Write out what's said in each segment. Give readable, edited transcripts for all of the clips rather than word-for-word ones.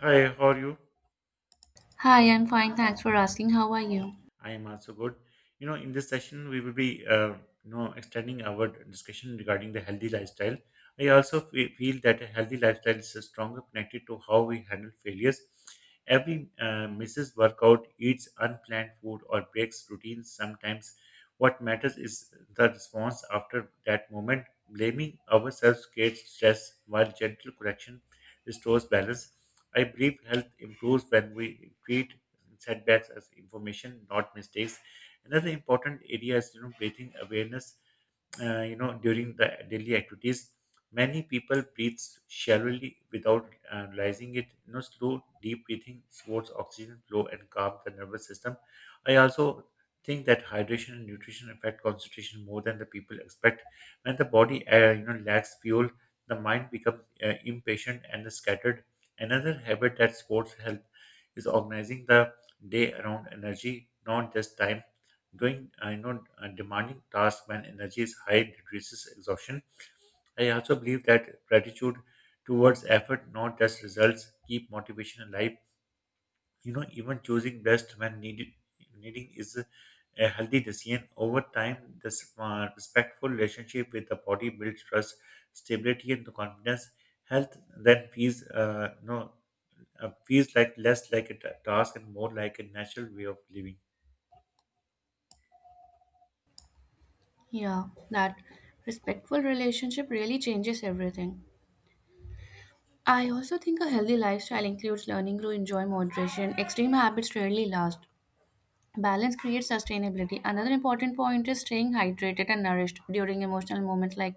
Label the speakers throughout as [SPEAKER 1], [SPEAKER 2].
[SPEAKER 1] Hi, how are you?
[SPEAKER 2] Hi, I'm fine. Thanks for asking. How are you?
[SPEAKER 1] I am also good. In this session, we will be extending our discussion regarding the healthy lifestyle. I also feel that a healthy lifestyle is stronger connected to how we handle failures. Every misses workout, eats unplanned food, or breaks routines sometimes. What matters is the response after that moment. Blaming ourselves creates stress, while gentle correction restores balance. I believe health improves when we treat setbacks as information, not mistakes. Another important area is breathing awareness during the daily activities. Many people breathe shallowly without realizing it. Slow deep breathing supports oxygen flow and calm the nervous system. I also think that hydration and nutrition affect concentration more than the people expect. When the body lacks fuel, the mind becomes impatient and scattered. Another habit that sports health is organizing the day around energy, not just time. Doing I know a demanding tasks when energy is high decreases exhaustion. I also believe that gratitude towards effort, not just results, keep motivation alive. Even choosing rest when needed needing is a healthy decision. Over time, this respectful relationship with the body builds trust, stability, and the confidence. Health then feels less like a task and more like a natural way of living.
[SPEAKER 2] Yeah, that respectful relationship really changes everything. I also think a healthy lifestyle includes learning to enjoy moderation. Extreme habits rarely last. Balance creates sustainability. Another important point is staying hydrated and nourished during emotional moments like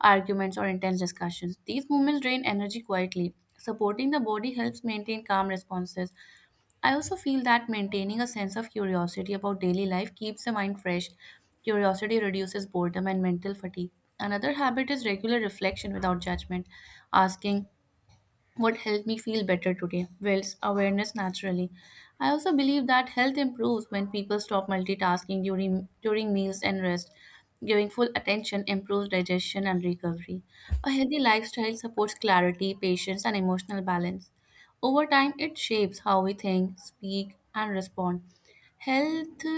[SPEAKER 2] arguments or intense discussions. These moments drain energy quietly. Supporting the body helps maintain calm responses. I also feel that maintaining a sense of curiosity about daily life keeps the mind fresh. Curiosity reduces boredom and mental fatigue. Another habit is regular reflection without judgment, asking what helped me feel better today. Well, awareness naturally. I also believe that health improves when people stop multitasking during meals and rest. Giving full attention improves digestion and recovery. A healthy lifestyle supports clarity, patience, and emotional balance. Over time, it shapes how we think, speak, and respond. Health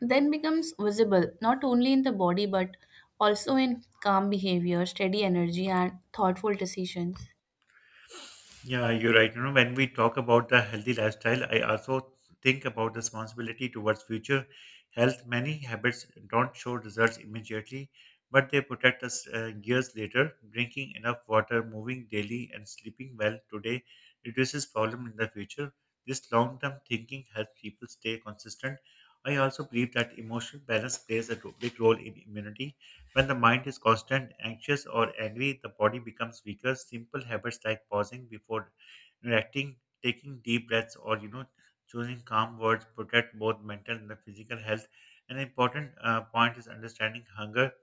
[SPEAKER 2] then becomes visible not only in the body but also in calm behavior, steady energy, and thoughtful decisions.
[SPEAKER 1] Yeah, you're right. When we talk about the healthy lifestyle, I also think about responsibility towards future health. Many habits don't show results immediately, but they protect us years later. Drinking enough water, moving daily, and sleeping well today reduces problem in the future. This long-term thinking helps people stay consistent. I also believe that emotional balance plays a big role in immunity. When the mind is constant, anxious, or angry, the body becomes weaker. Simple habits like pausing before reacting, taking deep breaths, or choosing calm words protect both mental and the physical health. An important point is understanding hunger.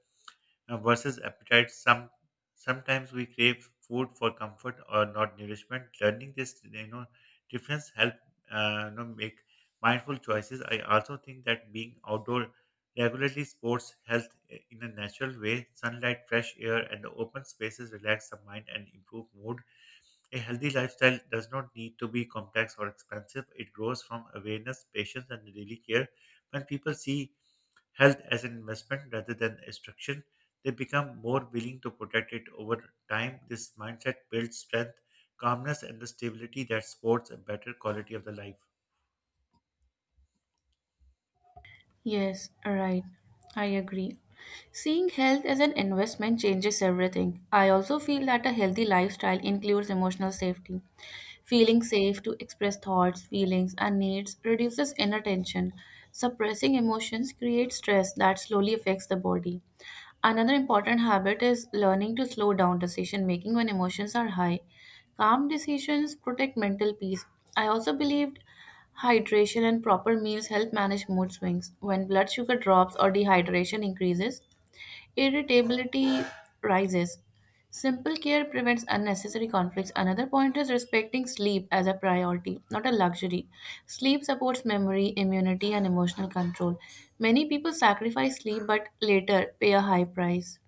[SPEAKER 1] Now, versus appetite, sometimes we crave food for comfort or not nourishment. Learning this difference help make mindful choices. I also think that being outdoor regularly sports health in a natural way. Sunlight, fresh air, and the open spaces relax the mind and improve mood. A healthy lifestyle does not need to be complex or expensive. It grows from awareness, patience, and daily care. When people see health as an investment rather than a restriction, they become more willing to protect it over time. This mindset builds strength, calmness, and the stability that supports a better quality of the life.
[SPEAKER 2] Yes, right. I agree. Seeing health as an investment changes everything. I also feel that a healthy lifestyle includes emotional safety. Feeling safe to express thoughts, feelings, and needs reduces inner tension. Suppressing emotions creates stress that slowly affects the body. Another important habit is learning to slow down decision making when emotions are high. Calm decisions protect mental peace. I also believed hydration and proper meals help manage mood swings. When blood sugar drops or dehydration increases, irritability rises. Simple care prevents unnecessary conflicts. Another point is respecting sleep as a priority, not a luxury. Sleep supports memory, immunity, and emotional control. Many people sacrifice sleep but later pay a high price.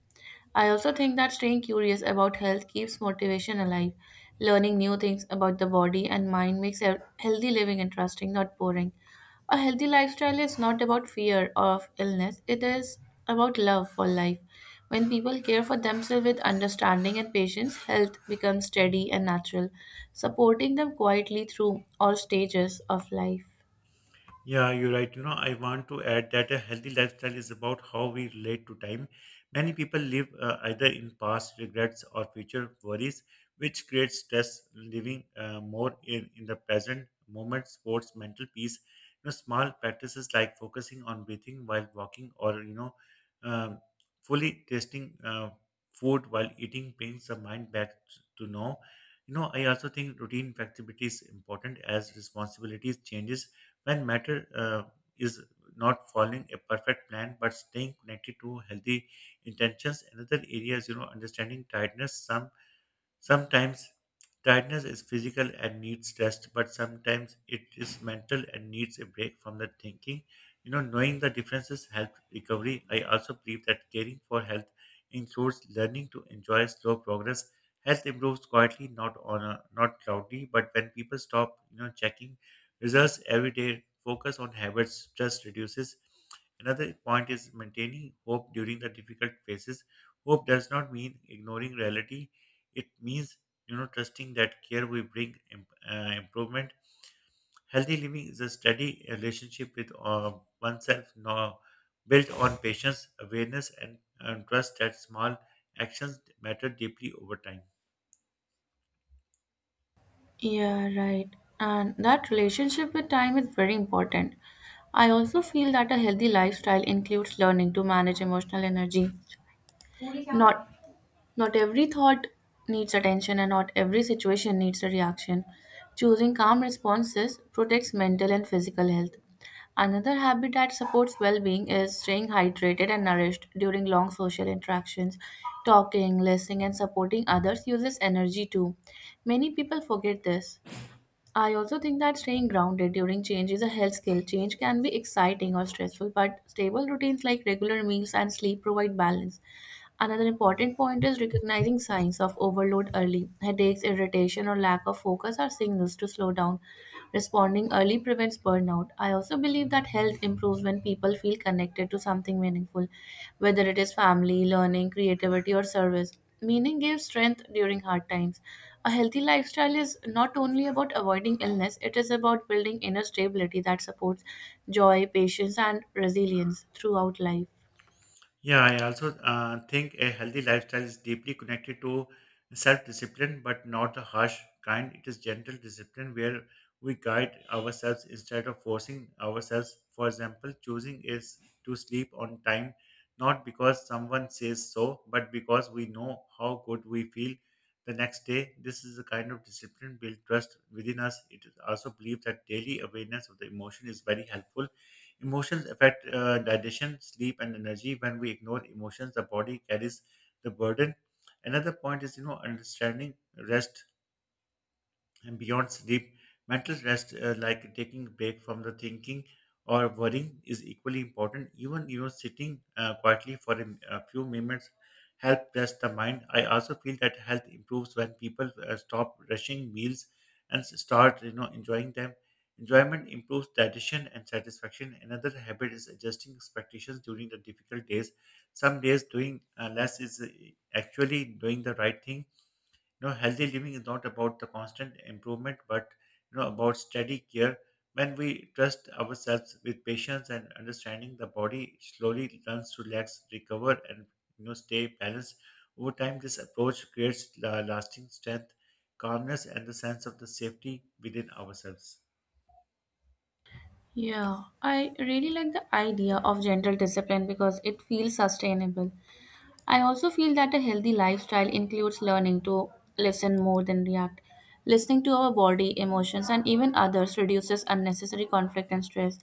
[SPEAKER 2] I also think that staying curious about health keeps motivation alive. Learning new things about the body and mind makes a healthy living interesting, not boring. A healthy lifestyle is not about fear of illness, it is about love for life. When people care for themselves with understanding and patience, health becomes steady and natural, supporting them quietly through all stages of life.
[SPEAKER 1] Yeah, you're right. I want to add that a healthy lifestyle is about how we relate to time. Many people live either in past regrets or future worries, which creates stress. Living more in the present moment sports mental peace. Small practices like focusing on breathing while walking or, um, fully tasting food while eating brings the mind back to know. I also think routine flexibility is important as responsibilities changes when matter is not following a perfect plan but staying connected to healthy intentions. Another area is understanding tiredness. Sometimes tiredness is physical and needs rest, but sometimes it is mental and needs a break from the thinking. Knowing the differences help recovery. I also believe that caring for health includes learning to enjoy slow progress. Health improves quietly, not on a, not loudly, but when people stop, checking results every day, focus on habits, stress reduces. Another point is maintaining hope during the difficult phases. Hope does not mean ignoring reality, it means, trusting that care we bring improvement. Healthy living is a steady relationship with oneself, no, built on patience, awareness, and trust that small actions matter deeply over time.
[SPEAKER 2] Yeah, right. And that relationship with time is very important. I also feel that a healthy lifestyle includes learning to manage emotional energy. Not not every thought needs attention and not every situation needs a reaction. Choosing calm responses protects mental and physical health. Another habit that supports well-being is staying hydrated and nourished during long social interactions. Talking, listening, and supporting others uses energy too. Many people forget this. I also think that staying grounded during change is a health skill. Change can be exciting or stressful, but stable routines like regular meals and sleep provide balance. Another important point is recognizing signs of overload early. Headaches, irritation, or lack of focus are signals to slow down. Responding early prevents burnout. I also believe that health improves when people feel connected to something meaningful, whether it is family, learning, creativity, or service. Meaning gives strength during hard times. A healthy lifestyle is not only about avoiding illness, it is about building inner stability that supports joy, patience, and resilience throughout life.
[SPEAKER 1] Yeah, I also think a healthy lifestyle is deeply connected to self discipline, but not the harsh kind. It is gentle discipline where we guide ourselves instead of forcing ourselves. For example, choosing is to sleep on time, not because someone says so, but because we know how good we feel the next day. This is the kind of discipline build trust within us. It is also believed that daily awareness of the emotion is very helpful. Emotions affect digestion, sleep, and energy. When we ignore emotions, the body carries the burden. Another point is understanding rest and beyond sleep, mental rest, like taking a break from the thinking or worrying, is equally important. Even sitting quietly for a few moments help rest the mind. I also feel that health improves when people stop rushing meals and start enjoying them. Enjoyment improves digestion and satisfaction. Another habit is adjusting expectations during the difficult days. Some days doing less is actually doing the right thing. Healthy living is not about the constant improvement but about steady care. When we trust ourselves with patience and understanding, the body slowly learns to relax, recover, and stay balanced. Over time, this approach creates lasting strength, calmness, and the sense of the safety within ourselves.
[SPEAKER 2] Yeah, I really like the idea of gentle discipline because it feels sustainable. I also feel that a healthy lifestyle includes learning to listen more than react. Listening to our body, emotions, and even others reduces unnecessary conflict and stress.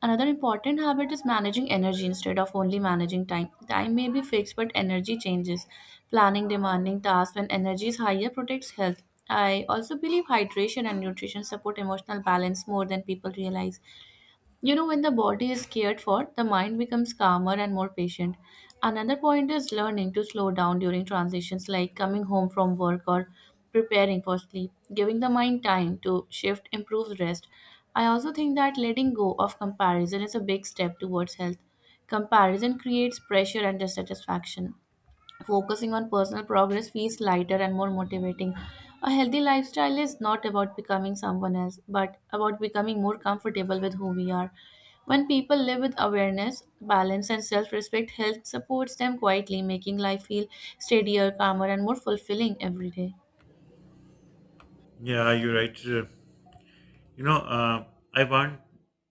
[SPEAKER 2] Another important habit is managing energy instead of only managing time. Time may be fixed, but energy changes. Planning demanding tasks when energy is higher protects health. I also believe hydration and nutrition support emotional balance more than people realize. You know, when the body is cared for, the mind becomes calmer and more patient. Another point is learning to slow down during transitions, like coming home from work or preparing for sleep. Giving the mind time to shift improves rest. I also think that letting go of comparison is a big step towards health. Comparison creates pressure and dissatisfaction. Focusing on personal progress feels lighter and more motivating. A healthy lifestyle is not about becoming someone else, but about becoming more comfortable with who we are. When people live with awareness, balance, and self respect, health supports them quietly, making life feel steadier, calmer, and more fulfilling every day.
[SPEAKER 1] Yeah, you're right. You know, uh, I want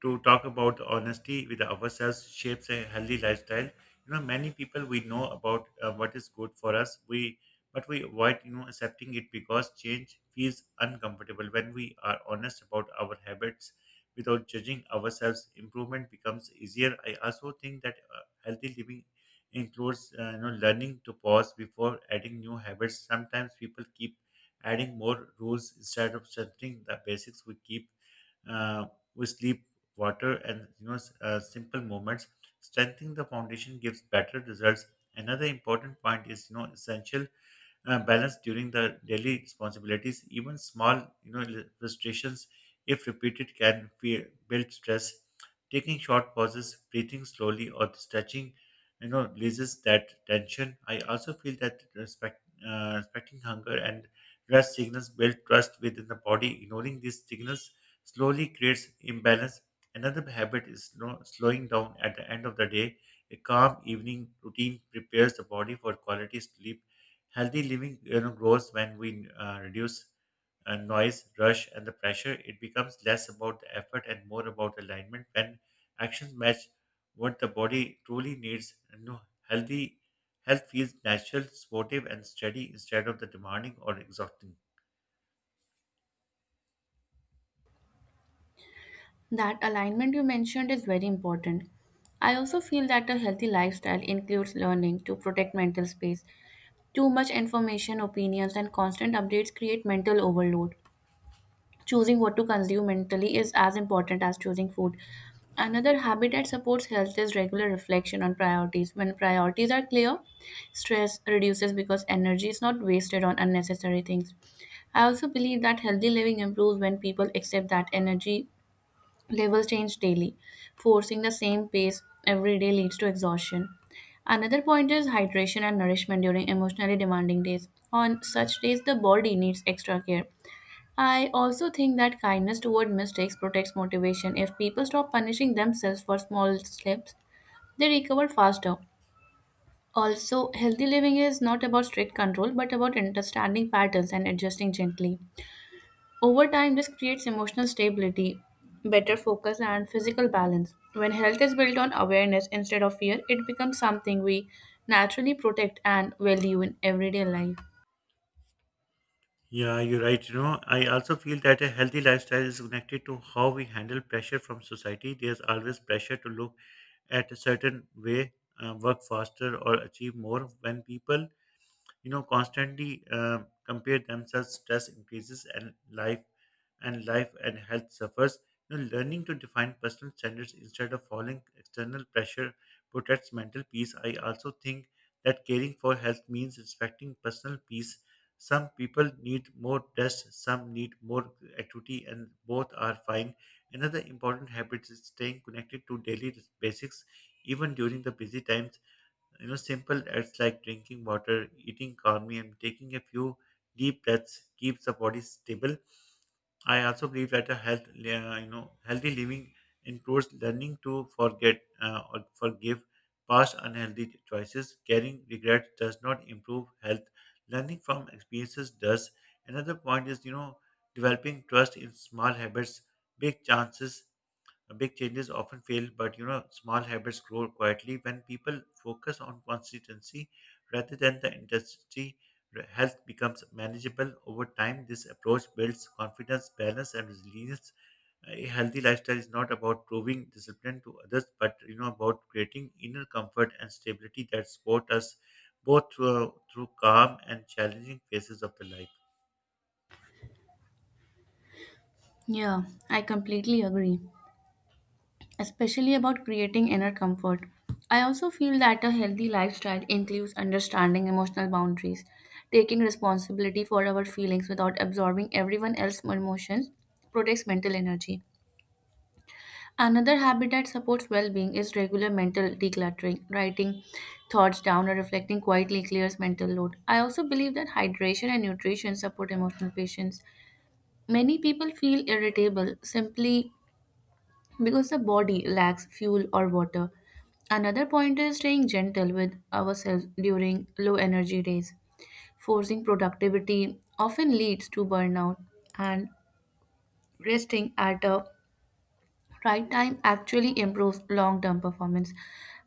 [SPEAKER 1] to talk about the honesty with ourselves shapes a healthy lifestyle. Many people we know about what is good for us, we but we avoid accepting it because change feels uncomfortable. When we are honest about our habits without judging ourselves, improvement becomes easier. I also think that healthy living includes learning to pause before adding new habits. Sometimes people keep adding more rules instead of strengthening the basics we keep uh, with sleep, water, and simple movements. Strengthening the foundation gives better results. Another important point is essential balance during the daily responsibilities. Even small frustrations, if repeated, can build stress. Taking short pauses, breathing slowly, or stretching, releases that tension. I also feel that respecting hunger and rest signals build trust within the body. Ignoring these signals slowly creates imbalance. Another habit is slowing down at the end of the day. A calm evening routine prepares the body for quality sleep. Healthy living grows when we reduce noise, rush, and the pressure. It becomes less about the effort and more about alignment. When actions match what the body truly needs, healthy health feels natural, supportive, and steady instead of the demanding or exhausting.
[SPEAKER 2] That alignment you mentioned is very important. I also feel that a healthy lifestyle includes learning to protect mental space. Too much information, opinions, and constant updates create mental overload. Choosing what to consume mentally is as important as choosing food. Another habit that supports health is regular reflection on priorities. When priorities are clear, stress reduces because energy is not wasted on unnecessary things. I also believe that healthy living improves when people accept that energy levels change daily. Forcing the same pace every day leads to exhaustion. Another point is hydration and nourishment during emotionally demanding days. On such days, the body needs extra care. I also think that kindness toward mistakes protects motivation. If people stop punishing themselves for small slips, they recover faster. Also, healthy living is not about strict control but about understanding patterns and adjusting gently. Over time, this creates emotional stability, better focus, and physical balance. When health is built on awareness instead of fear, it becomes something we naturally protect and value in everyday life.
[SPEAKER 1] Yeah, you're right. I also feel that a healthy lifestyle is connected to how we handle pressure from society. There's always pressure to look at a certain way, work faster, or achieve more. When people constantly compare themselves, stress increases and life and health suffers. Learning to define personal standards instead of following external pressure protects mental peace. I also think that caring for health means respecting personal peace. Some people need more rest, some need more activity, and both are fine. Another important habit is staying connected to daily basics, even during the busy times. Simple acts like drinking water, eating calmly, and taking a few deep breaths keeps the body stable. I also believe that a healthy living includes learning to forget or forgive past unhealthy choices. Carrying regret does not improve health. Learning from experiences does. Another point is developing trust in small habits, big chances, Big changes often fail, but small habits grow quietly when people focus on consistency rather than the intensity. Health becomes manageable over time. This approach builds confidence, balance, and resilience. A healthy lifestyle is not about proving discipline to others, but about creating inner comfort and stability that support us both through calm and challenging phases of the life.
[SPEAKER 2] Yeah, I completely agree, especially about creating inner comfort. I also feel that a healthy lifestyle includes understanding emotional boundaries, taking responsibility for our feelings without absorbing everyone else's emotions protects mental energy. Another habit that supports well-being is regular mental decluttering. Writing thoughts down or reflecting quietly clears mental load. I also believe that hydration and nutrition support emotional patience. Many people feel irritable simply because the body lacks fuel or water. Another point is staying gentle with ourselves during low energy days. Forcing productivity often leads to burnout, and resting at a right time actually improves long term performance.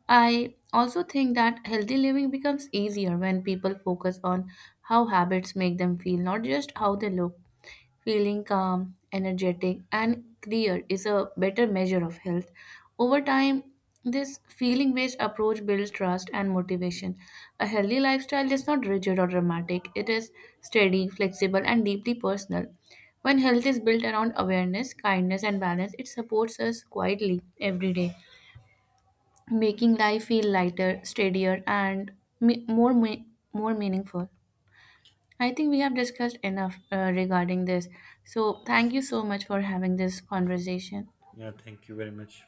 [SPEAKER 2] I also think that healthy living becomes easier when people focus on how habits make them feel, not just how they look. Feeling calm, energetic, and clear is a better measure of health. Over time, this feeling based approach builds trust and motivation. A healthy lifestyle is not rigid or dramatic, it is steady, flexible, and deeply personal. When health is built around awareness, kindness, and balance, it supports us quietly every day, making life feel lighter, steadier, and me- more me- more meaningful. I think we have discussed enough regarding this. So, thank you so much for having this conversation.
[SPEAKER 1] Yeah, thank you very much.